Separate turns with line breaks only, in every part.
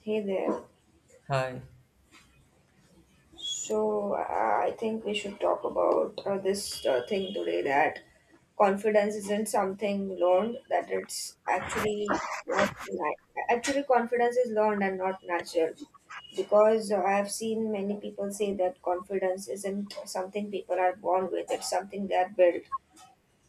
Hey there.
Hi.
I think we should talk about this thing today that confidence isn't something learned, that it's actually not na- actually confidence is learned and not natural because I have seen many people say that confidence isn't something people are born with, it's something they are built.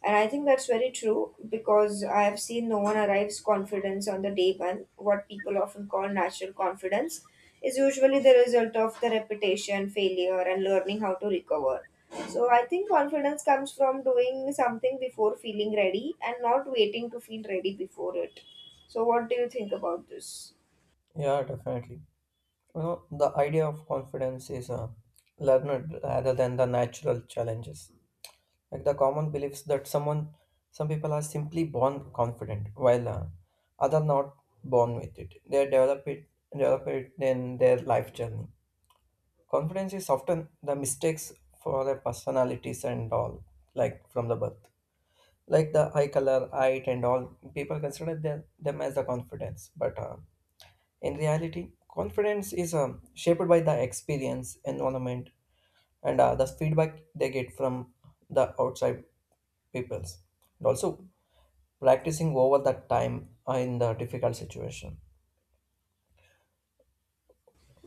And I think that's very true because I have seen no one arrives confidence on the day one. What people often call natural confidence is usually the result of the repetition, failure, and learning how to recover. So I think confidence comes from doing something before feeling ready and not waiting to feel ready before it. So, what do you think about this?
Yeah, definitely. You know, the idea of confidence is learned rather than the natural challenges. Like the common beliefs that some people are simply born confident, while other not born with it. They develop it in their life journey. Confidence is often the mistakes for their personalities and all, like from the birth. Like the eye color, height, and all, people consider them as the confidence, but. In reality, confidence is shaped by the experience, environment, and the feedback they get from the outside peoples. And also practicing over that time in the difficult situation.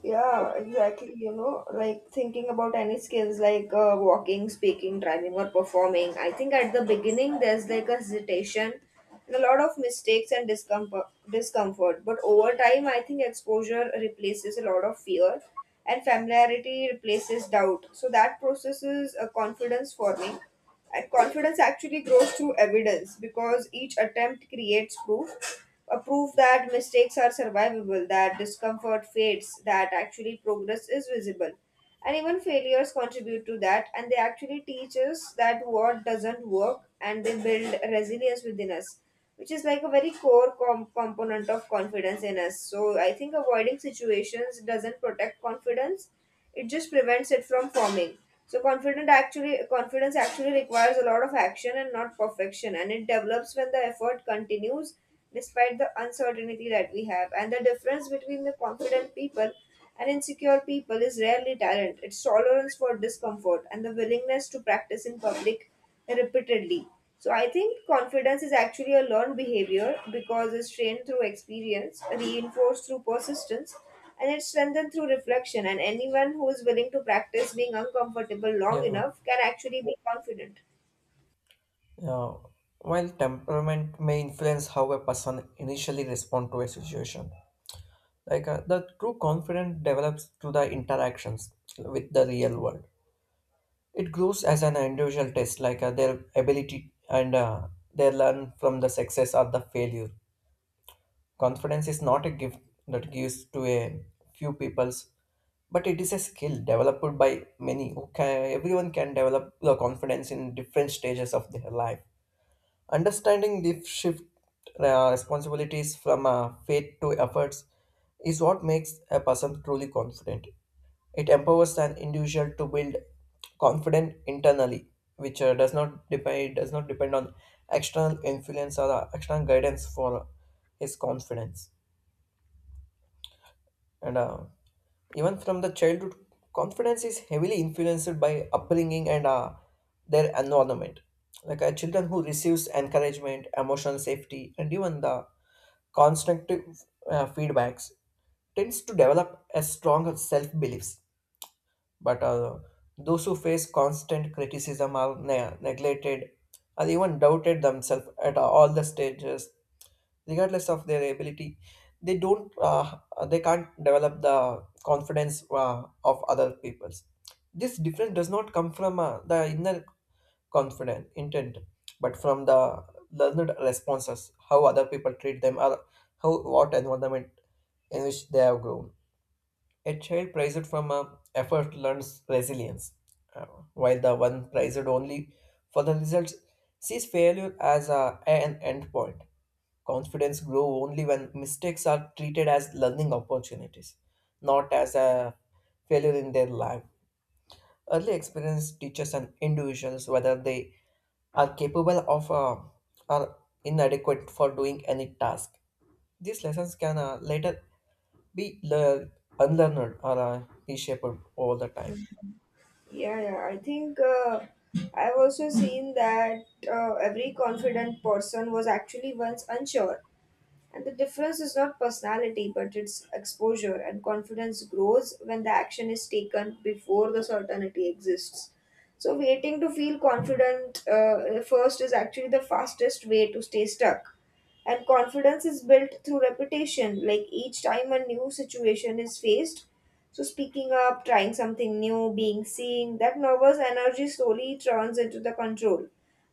Yeah, exactly. You know, like thinking about any skills like walking, speaking, driving, or performing. I think at the beginning there's like a hesitation and a lot of mistakes and discomfort. But over time, I think exposure replaces a lot of fear and familiarity replaces doubt. So that process is a confidence forming. And confidence actually grows through evidence because each attempt creates proof a proof that mistakes are survivable, that discomfort fades, that actually progress is visible. And even failures contribute to that, and they actually teach us that what doesn't work and they build resilience within us which is like a very core component of confidence in us. So I think avoiding situations doesn't protect confidence; it just prevents it from forming. So confident actually confidence actually requires a lot of action and not perfection, and it develops when the effort continues despite the uncertainty that we have. And the difference between the confident people and insecure people is rarely talent; it's tolerance for discomfort and the willingness to practice in public repeatedly. So I think confidence is actually a learned behavior because it's trained through experience, reinforced through persistence, and it's strengthened through reflection. And anyone who is willing to practice being uncomfortable long
Yeah,
enough can actually be confident.
yeah. While temperament may influence how a person initially responds to a situation, like the true confidence develops through the interactions with the real world. It grows as an individual test, like their ability and they learn from the success or the failure. Confidence is not a gift that gives to a few peoples, but it is a skill developed by many. Okay, everyone can develop the confidence in different stages of their life. Understanding this shift responsibilities from faith to efforts is what makes a person truly confident. It empowers an individual to build confidence internally, which does not depend on external influence or external guidance for his confidence. And Even from the childhood, confidence is heavily influenced by upbringing and their environment. Like children who receives encouragement, emotional safety, and even the constructive feedbacks tends to develop a stronger self beliefs, but those who face constant criticism are neglected or even doubted themselves at all the stages regardless of their ability. They don't they can't develop the confidence of other people's. This difference does not come from the inner confident intent, but from the learned responses how other people treat them or how what environment in which they have grown. A child praised from a effort learns resilience, uh, while the one praised only for the results sees failure as an end point. Confidence grows only when mistakes are treated as learning opportunities, not as a failure in their life. Early experience teaches an individuals whether they are capable of or inadequate for doing any task. These lessons can later be learn, unlearned or reshaped all the time.
Yeah, yeah. I think I've also seen that every confident person was actually once unsure. And the difference is not personality, but it's exposure, and confidence grows when the action is taken before the certainty exists. So, waiting to feel confident first is actually the fastest way to stay stuck. And confidence is built through repetition, like each time a new situation is faced. So, speaking up, trying something new, being seen, that nervous energy slowly turns into the control.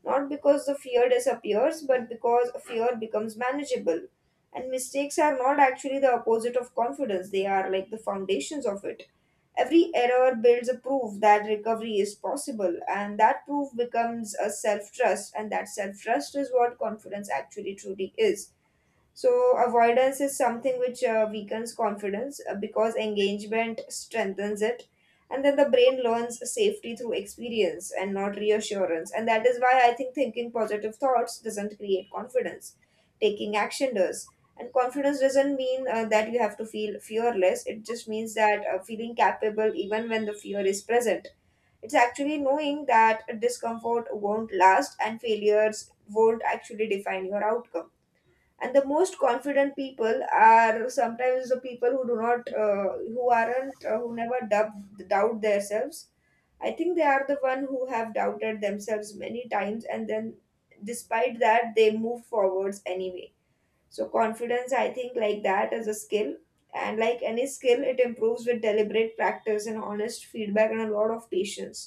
Not because the fear disappears, but because fear becomes manageable and mistakes are not actually the opposite of confidence, they are like the foundations of it. Every error builds a proof that recovery is possible, and that proof becomes a self trust, and that self trust is what confidence actually truly is. So, avoidance is something which weakens confidence because engagement strengthens it. And then the brain learns safety through experience and not reassurance. And that is why I think thinking positive thoughts doesn't create confidence, taking action does. And confidence doesn't mean that you have to feel fearless, it just means that feeling capable even when the fear is present. It's actually knowing that discomfort won't last and failures won't actually define your outcome. And the most confident people are sometimes the people who do not who aren't who never dub- doubt themselves. I think they are the one who have doubted themselves many times and then despite that they move forwards anyway. So confidence, I think like that, is a skill, and like any skill it improves with deliberate practice and honest feedback and a lot of patience.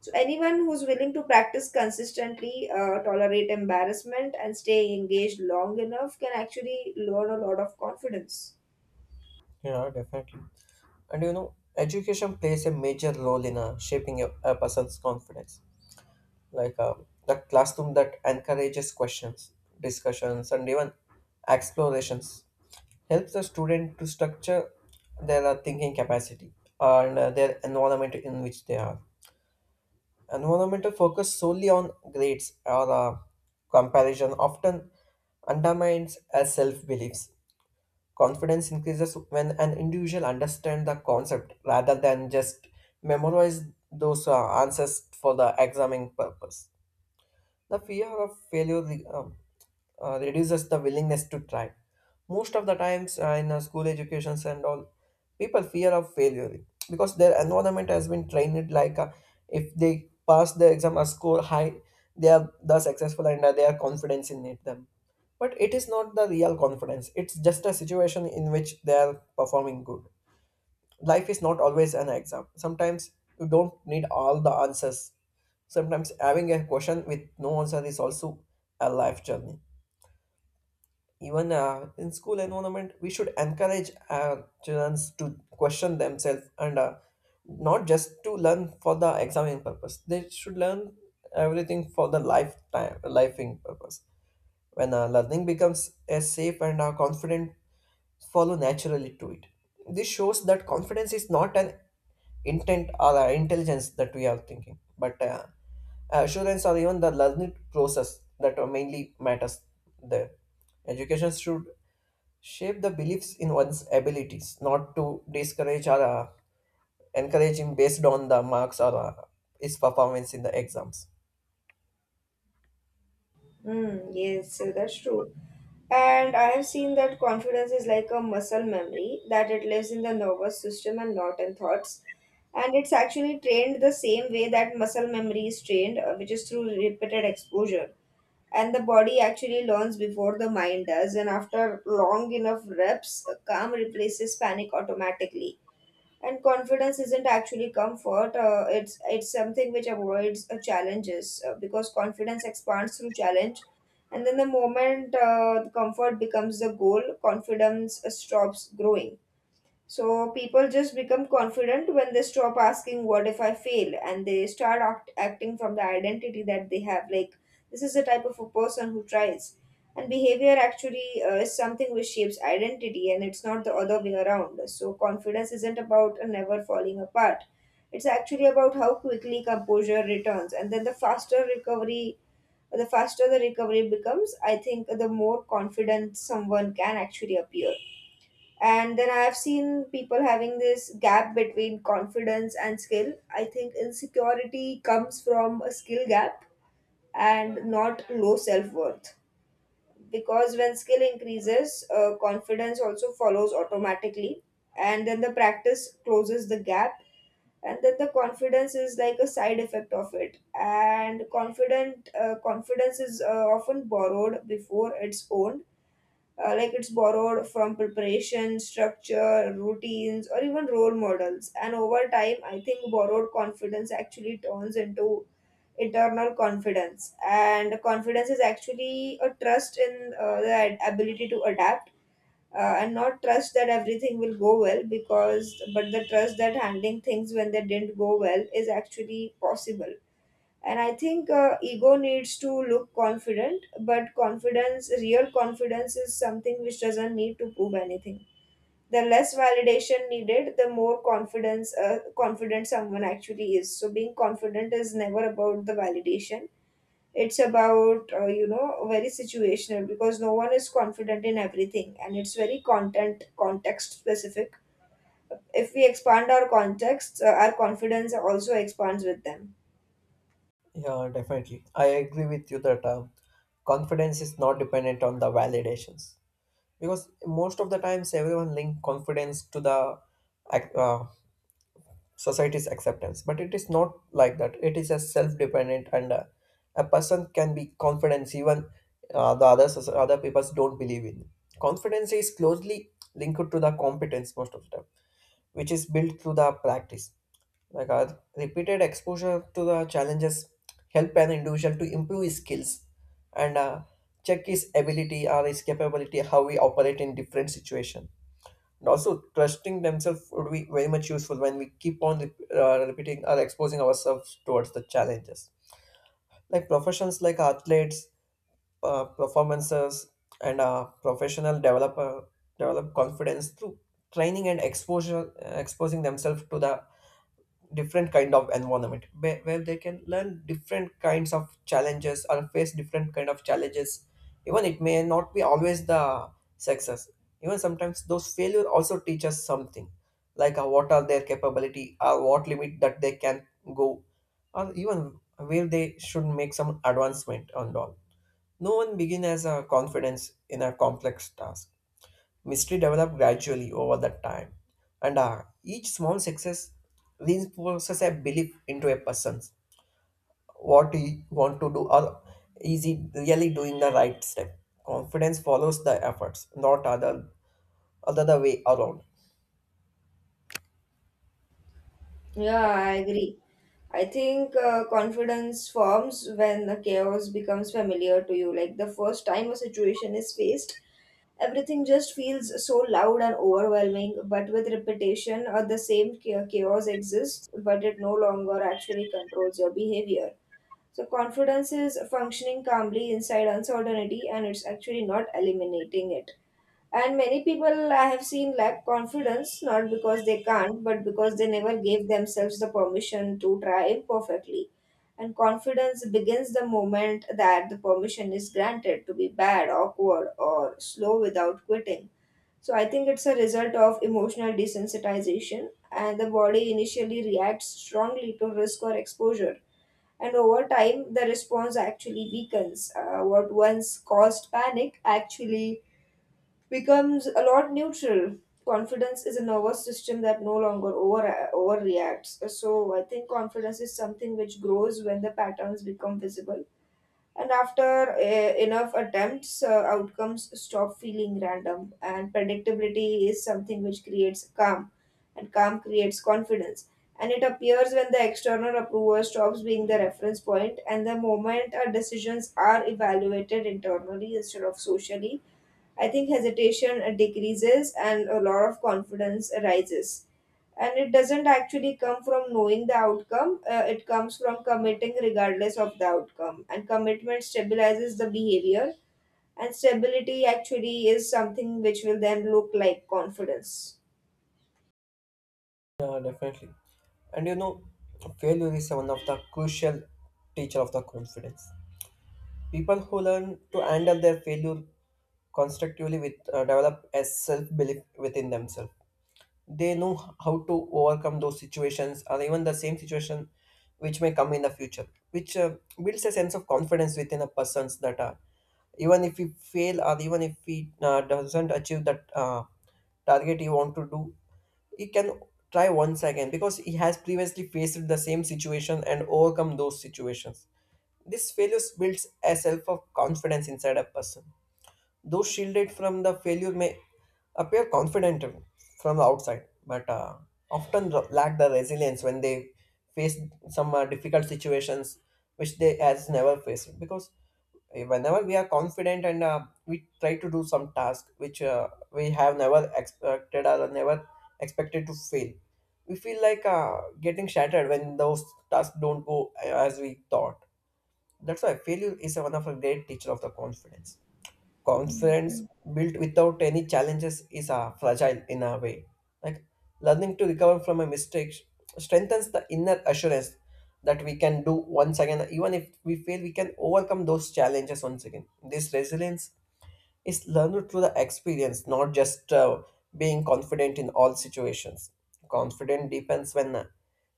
So anyone who's willing to practice consistently, tolerate embarrassment, and stay engaged long enough can actually learn a lot of confidence.
Yeah, definitely. And you know, education plays a major role in a person's confidence. Like the classroom that encourages questions, discussions, and even explorations helps the student to structure their thinking capacity and their environment in which they are. Environmental focus solely on grades or comparison often undermines our self beliefs. Confidence increases when an individual understands the concept rather than just memorize those answers for the examining purpose. The fear of failure reduces the willingness to try. Most of the times in school educations and all, people fear of failure because their environment has been trained like if they pass the exam or score high, they are the successful and they are confident in it, them. But it is not the real confidence. It's just a situation in which they are performing good. Life is not always an exam. Sometimes you don't need all the answers. Sometimes having a question with no answer is also a life journey. Even in school environment, we should encourage our children to question themselves and not just to learn for the examining purpose. They should learn everything for the lifing purpose. When learning becomes a safe and confident follow naturally to it. This shows that confidence is not an intent or a intelligence that we are thinking, but assurance or even the learning process that are mainly matters there. Education should shape the beliefs in one's abilities, not to discourage or encourage him based on the marks or his performance in the exams.
Mm, yes, so that's true. And I have seen that confidence is like a muscle memory, that it lives in the nervous system and not in thoughts. And it's actually trained the same way that muscle memory is trained, which is through repeated exposure. And the body actually learns before the mind does, and after long enough reps calm replaces panic automatically. And confidence isn't actually comfort, it's something which avoids challenges because confidence expands through challenge. And then the moment the comfort becomes the goal, confidence stops growing. So people just become confident when they stop asking, "What if I fail?" and they start acting from the identity that they have. Like, this is the type of a person who tries. And behavior actually is something which shapes identity, and it's not the other way around. So, confidence isn't about a never falling apart. It's actually about how quickly composure returns, and then the faster the recovery becomes. I think the more confident someone can actually appear. And then I've seen people having this gap between confidence and skill. I think insecurity comes from a skill gap and not low self worth. Because when skill increases, confidence also follows automatically. And then the practice closes the gap, and then the confidence is like a side effect of it. And confident confidence is often borrowed before it's owned. Like, it's borrowed from preparation, structure, routines, or even role models. And over time, I think borrowed confidence actually turns into internal confidence. And confidence is actually a trust in the ability to adapt. And not trust that everything will go well because but the trust that handling things when they didn't go well is actually possible. And I think ego needs to look confident, but confidence real confidence is something which doesn't need to prove anything. The less validation needed, the more confidence confident someone actually is. So being confident is never about the validation. It's about, you know, very situational, because no one is confident in everything, and it's very content context specific. If we expand our contexts, our confidence also expands with them.
Yeah, definitely. I agree with you that confidence is not dependent on the validations, because most of the times everyone link confidence to the ac- uh, society's acceptance. But it is not like that. It is a self-dependent, and a person can be confident even other peoples don't believe in. Confidence is closely linked to the competence most of the time, which is built through the practice, like repeated exposure to the challenges help an individual to improve his skills and check his ability or his capability how we operate in different situations. And also, trusting themselves would be very much useful when we keep on repeating or exposing ourselves towards the challenges. Like professions like athletes, performances, and professional developer develop confidence through training and exposure, exposing themselves to the different kind of environment where they can learn different kinds of challenges or face different kind of challenges. Even it may not be always the success, even sometimes those failure also teach us something, like what are their capability or what limit that they can go, or even where they should make some advancement and all. No one begin as a confidence in a complex task. Mystery developed gradually over that time, and each small success reinforces a belief into a person what he want to do or is he really doing the right step. Confidence follows the efforts, not other the way around.
Yeah, I agree. I think confidence forms when the chaos becomes familiar to you. Like the first time a situation is faced, everything just feels so loud and overwhelming. But with repetition, the same chaos exists, but it no longer actually controls your behavior. So, confidence is functioning calmly inside uncertainty and it's actually not eliminating it. And many people I have seen lack confidence not because they can't, but because they never gave themselves the permission to try imperfectly. And confidence begins the moment that the permission is granted to be bad, awkward, or slow without quitting. So I think it's a result of emotional desensitization, and the body initially reacts strongly to risk or exposure. And over time, the response actually weakens. What once caused panic actually becomes a lot neutral. Confidence is a nervous system that no longer overreacts. So I think confidence is something which grows when the patterns become visible. And after enough attempts, outcomes stop feeling random. And predictability is something which creates calm, and calm creates confidence. And it appears when the external approver stops being the reference point, and the moment our decisions are evaluated internally instead of socially, I think hesitation decreases and a lot of confidence arises. And it doesn't actually come from knowing the outcome, it comes from committing regardless of the outcome. And commitment stabilizes the behavior, and stability actually is something which will then look like confidence.
Yeah, definitely. And you know, failure is one of the crucial teacher of the confidence. People who learn to handle their failure constructively with develop a self belief within themselves. They know how to overcome those situations or even the same situation which may come in the future, which builds a sense of confidence within a person's that even if we fail or even if he doesn't achieve that target he want to do, he can try once again because he has previously faced the same situation and overcome those situations. This failures builds a self of confidence inside a person. Those shielded from the failure may appear confident from the outside, but lack the resilience when they face some difficult situations which they has never faced. Because whenever we are confident and we try to do some task which we have never expected or never expected to fail, we feel like getting shattered when those tasks don't go as we thought. That's why failure is one of the great teacher of the confidence. Confidence built without any challenges is fragile in a way. Like learning to recover from a mistake strengthens the inner assurance that we can do once again, even if we fail, we can overcome those challenges once again. This resilience is learned through the experience, not just being confident in all situations. Confident depends when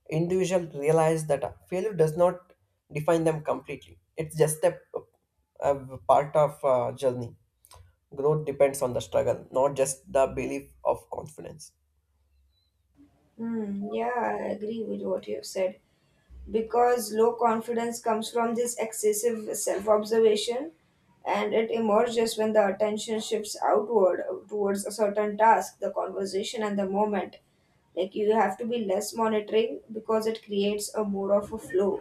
individual realize that failure does not define them completely. It's just a part of journey. Growth depends on the struggle, not just the belief of confidence.
Hmm. Yeah, I agree with what you have said, because low confidence comes from this excessive self observation and it emerges when the attention shifts outward towards a certain task, the conversation, and the moment. Like you have to be less monitoring because it creates a more of a flow.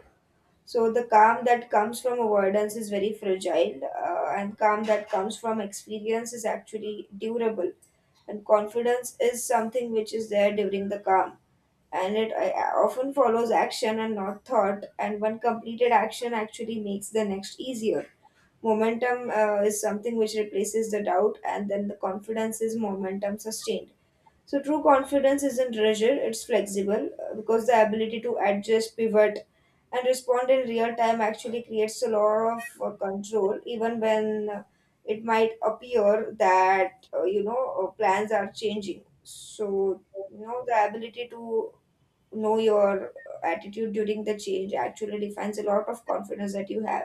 So the calm that comes from avoidance is very fragile, and calm that comes from experience is actually durable. And confidence is something which is there during the calm, and it often follows action and not thought. And one completed action actually makes the next easier. Momentum is something which replaces the doubt, and then the confidence is momentum sustained. So true confidence isn't rigid, it's flexible because the ability to adjust, pivot, and respond in real time actually creates a lot of control, even when it might appear that you know plans are changing. So the ability to know your attitude during the change actually defines a lot of confidence that you have,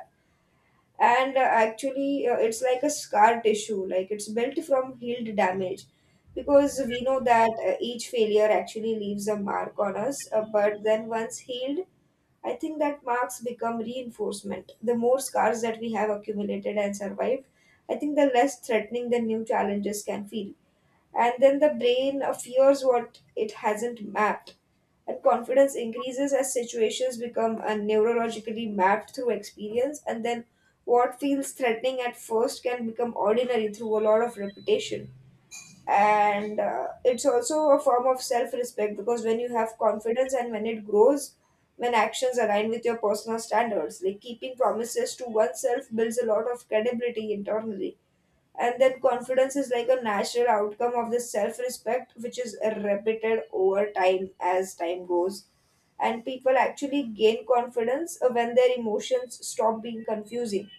and actually it's like a scar tissue, like it's built from healed damage because we know that each failure actually leaves a mark on us, but then once healed, I think that marks become reinforcement. The more scars that we have accumulated and survived, I think the less threatening the new challenges can feel. And then the brain fears what it hasn't mapped, and confidence increases as situations become neurologically mapped through experience, and then what feels threatening at first can become ordinary through a lot of repetition. And it's also a form of self-respect, because when you have confidence and when it grows, when actions align with your personal standards, like keeping promises to oneself, builds a lot of credibility internally. And that confidence is like a natural outcome of the self respect, which is repeated over time as time goes. And people actually gain confidence when their emotions stop being confusing.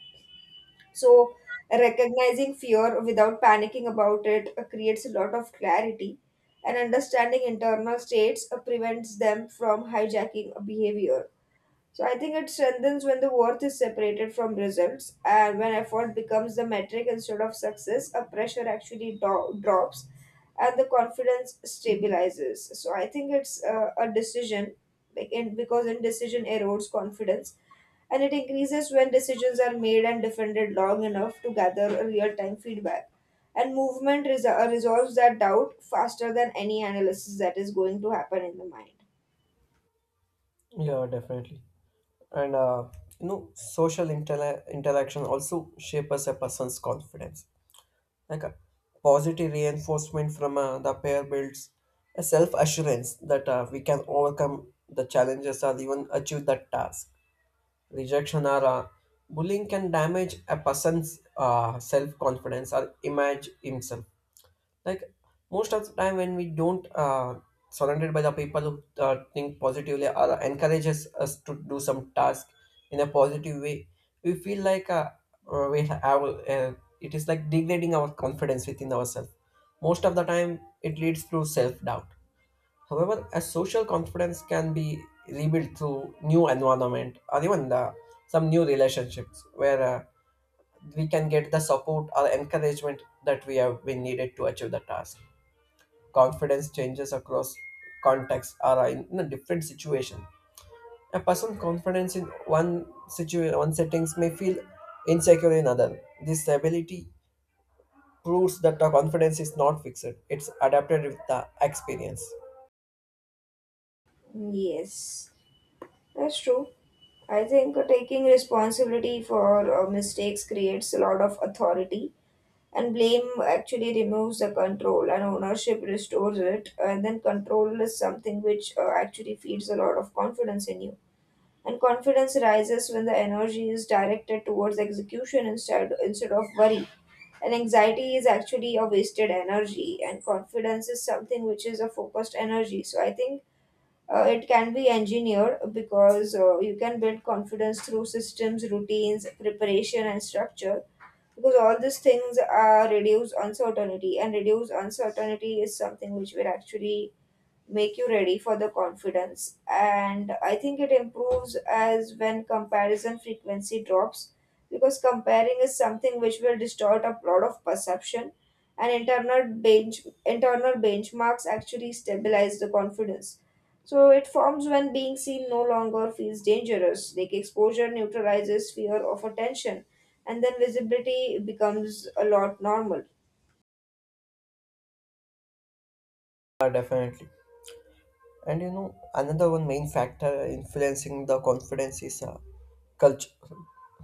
So, recognizing fear without panicking about it creates a lot of clarity, and understanding internal states prevents them from hijacking a behavior. So I think it strengthens when the worth is separated from results, and when effort becomes the metric instead of success, a pressure actually drops and the confidence stabilizes. So I think it's a decision, like because indecision erodes confidence, and it increases when decisions are made and defended long enough to gather real time feedback. And movement resolves that doubt faster than any analysis that is going to happen in the mind.
Yeah, definitely. And You know, social interaction also shapes a person's confidence. Like a positive reinforcement from the pair builds a self-assurance that we can overcome the challenges or even achieve that task. Rejection or bullying can damage a person's self-confidence or image himself. Like most of the time when we don't surrounded by the people who think positively or encourages us to do some task in a positive way, we feel like we have it is like degrading our confidence within ourselves. Most of the time it leads to self-doubt. However, a social confidence can be rebuilt through new environment or even some new relationships where we can get the support or encouragement that we have been needed to achieve the task. Confidence changes across contexts or in a different situation. A person's confidence in one situation, one settings may feel insecure in other. This ability proves that the confidence is not fixed; it's adapted with the experience.
Yes. That's true. I think taking responsibility for mistakes creates a lot of authority, and blame actually removes the control, and ownership restores it. And then control is something which actually feeds a lot of confidence in you. And confidence rises when the energy is directed towards execution instead of worry. And anxiety is actually a wasted energy, and confidence is something which is a focused energy. So I think it can be engineered, because you can build confidence through systems, routines, preparation, and structure, because all these things are reduce uncertainty, and reduce uncertainty is something which we're actually make you ready for the confidence. And I think it improves as when comparison frequency drops, because comparing is something which will distort a lot of perception, and internal benchmarks actually stabilize the confidence. So it forms when being seen no longer feels dangerous, like exposure neutralizes fear of attention, and then visibility becomes a lot normal.
Definitely. And you know, another one main factor influencing the confidence is culture.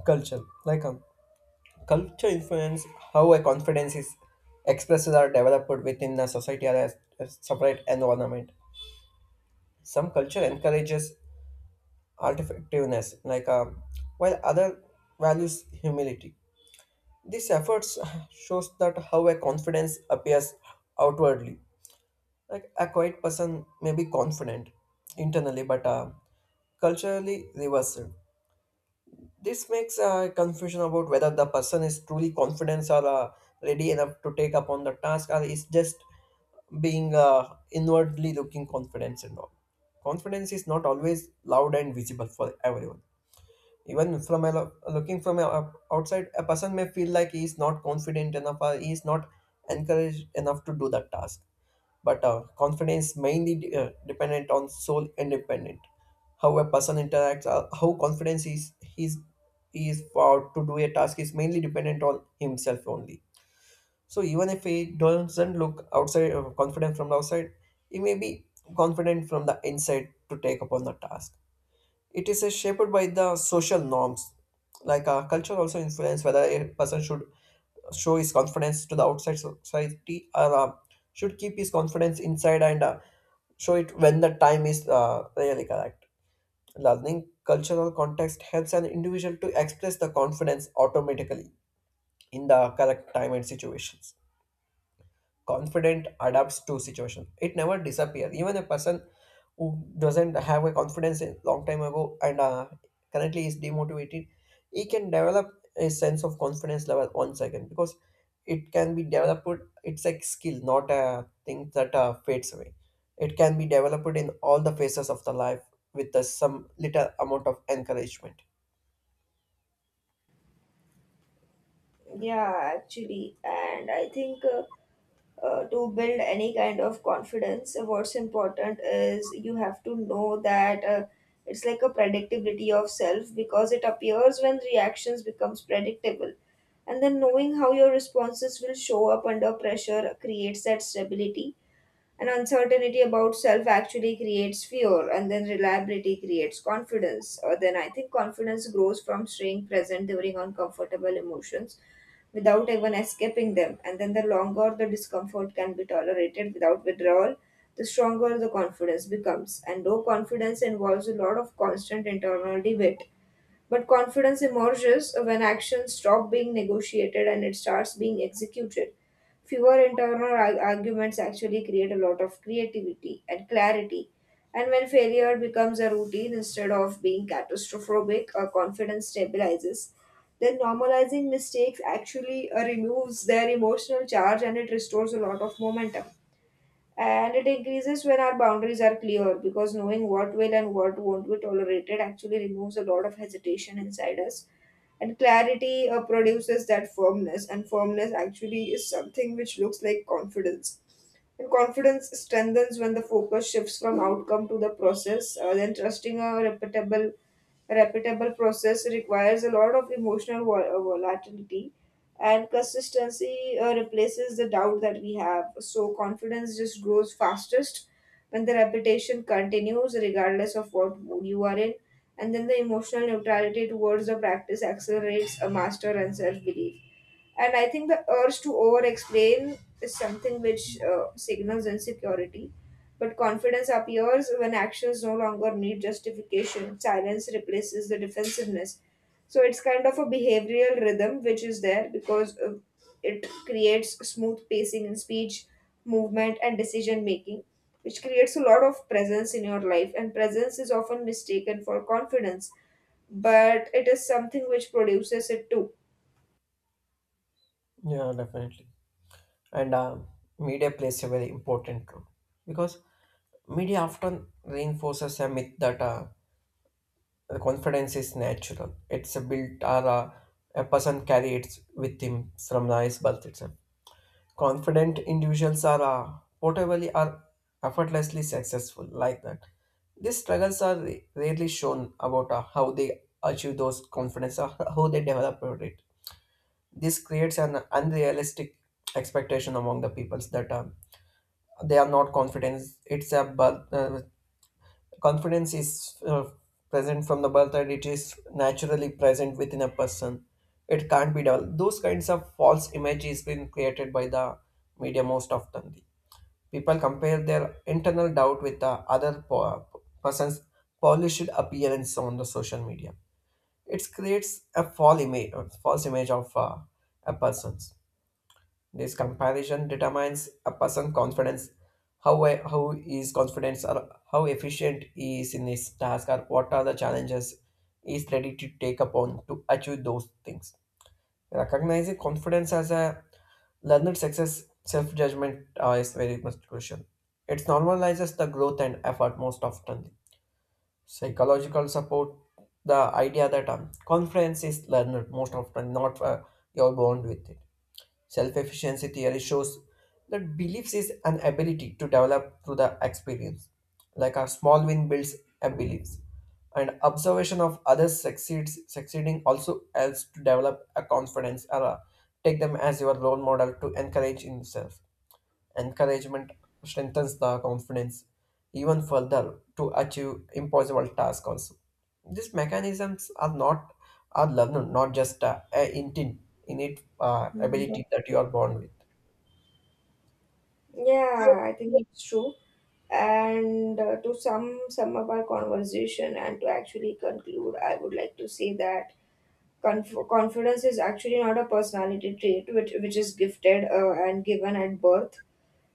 Culture, like culture influence how a confidence is expressed or developed within the society or a separate environment. Some culture encourages artifictiveness, like while other values humility. These efforts shows that how a confidence appears outwardly. Like a quiet person may be confident internally, but culturally reversed. This makes confusion about whether the person is truly confident or ready enough to take upon the task, or is just being inwardly looking confidence and all. Confidence is not always loud and visible for everyone. Even from a looking from a, outside, a person may feel like he is not confident enough or he is not encouraged enough to do that task. But confidence mainly dependent on soul independent. How a person interacts, how confidence is he is for to do a task is mainly dependent on himself only. So even if he doesn't look outside confident from the outside, he may be confident from the inside to take upon the task. It is shaped by the social norms. Like culture also influence whether a person should show his confidence to the outside so, society or should keep his confidence inside and show it when the time is really correct. Learning cultural context helps an individual to express the confidence automatically in the correct time and situations, confident adapts to situation, it never disappears, even a person who doesn't have a confidence in long time ago and currently is demotivated, he can develop a sense of confidence level once again because it can be developed, it's a skill not a thing that fades away. It can be developed in all the phases of the life with some little amount of encouragement.
Yeah, actually, and I think to build any kind of confidence, what's important is you have to know that it's like a predictability of self, because it appears when reactions becomes predictable. And then knowing how your responses will show up under pressure creates that stability. And uncertainty about self actually creates fear, and then reliability creates confidence. Or then I think confidence grows from staying present during uncomfortable emotions without even escaping them. And then the longer the discomfort can be tolerated without withdrawal, the stronger the confidence becomes. And low confidence involves a lot of constant internal debate, but confidence emerges when actions stop being negotiated and it starts being executed. Fewer internal arguments actually create a lot of creativity and clarity. And when failure becomes a routine instead of being catastrophic, confidence stabilizes. Then normalizing mistakes actually removes their emotional charge and it restores a lot of momentum. And it increases when our boundaries are clear, because knowing what will and what won't be tolerated actually removes a lot of hesitation inside us, and clarity produces that firmness, and firmness actually is something which looks like confidence. And confidence strengthens when the focus shifts from outcome to the process. Then trusting a reputable, repeatable process requires a lot of emotional volatility, and consistency replaces the doubt that we have. So confidence just grows fastest when the repetition continues, regardless of what mood you are in. And then the emotional neutrality towards the practice accelerates a master and self belief. And I think the urge to over explain is something which signals insecurity. But confidence appears when actions no longer need justification. Silence replaces the defensiveness. So it's kind of a behavioral rhythm which is there because it creates smooth pacing in speech, movement, and decision making, which creates a lot of presence in your life. And presence is often mistaken for confidence, but it is something which produces it too.
Yeah, definitely. And media plays a very important role because media often reinforces a myth that the confidence is natural. It's a built or a person carries with him from the his birth itself. Confident individuals are portably or effortlessly successful like that. These struggles are rarely shown about how they achieve those confidence or how they develop it. This creates an unrealistic expectation among the peoples that they are not confident. It's a birth, confidence is present from the birth and it is naturally present within a person. It can't be developed. Those kinds of false image is been created by the media most often. People compare their internal doubt with the other po- person's polished appearance on the social media. It creates a false image of a person. This comparison determines a person's confidence, how he is confident, or how efficient he is in his task, or what are the challenges he is ready to take upon to achieve those things. Recognizing confidence as a learned success, self judgment is very much crucial. It normalizes the growth and effort most often. Psychological support, the idea that confidence is learned most often, not you're born with it. Self efficiency theory shows that beliefs is an ability to develop through the experience. Like a small win builds a beliefs. And observation of others succeeds succeeding also helps to develop a confidence or take them as your role model to encourage in yourself. Encouragement strengthens the confidence even further to achieve impossible tasks also. These mechanisms are not are learned, not just a intent innate ability that you are born with.
Yeah, I think it's true. And to sum up our conversation and to actually conclude, I would like to say that confidence is actually not a personality trait which is gifted and given at birth.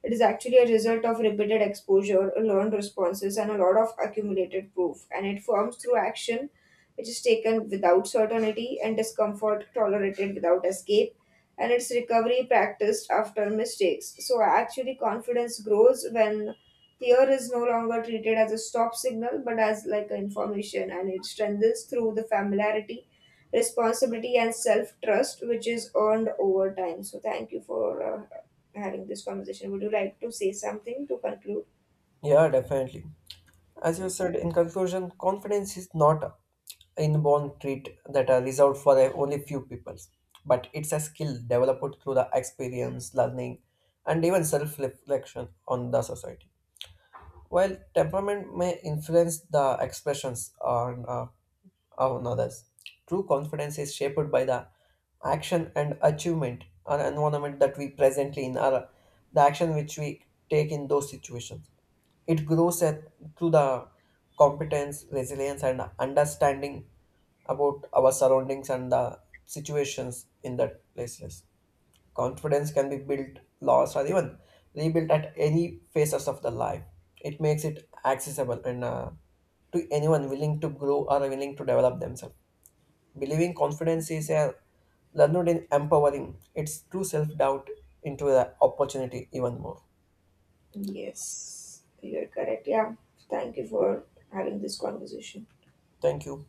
It is actually a result of repeated exposure, learned responses, and a lot of accumulated proof, and it forms through action which is taken without certainty, and discomfort tolerated without escape, and its recovery practiced after mistakes. So, actually, confidence grows when fear is no longer treated as a stop signal but as like information, and it strengthens through the familiarity. Responsibility and self trust, which is earned over time. So, thank you for uh, having this conversation. Would you like to say something to conclude?
Yeah, definitely. As you said, in conclusion, confidence is not a inborn trait that are reserved for only few people, but it's a skill developed through the experience, learning, and even self reflection on the society. While temperament may influence the expressions on others, true confidence is shaped by the action and achievement and environment that we presently in our, the action which we take in those situations. It grows at, through the competence, resilience, and understanding about our surroundings and the situations in that places. Confidence can be built, lost, or even rebuilt at any phases of the life. It makes it accessible and to anyone willing to grow or willing to develop themselves. Believing confidence is a learned in empowering. It's true self doubt into the opportunity even more.
Yes, you're correct. Yeah, thank you for having this conversation.
Thank you.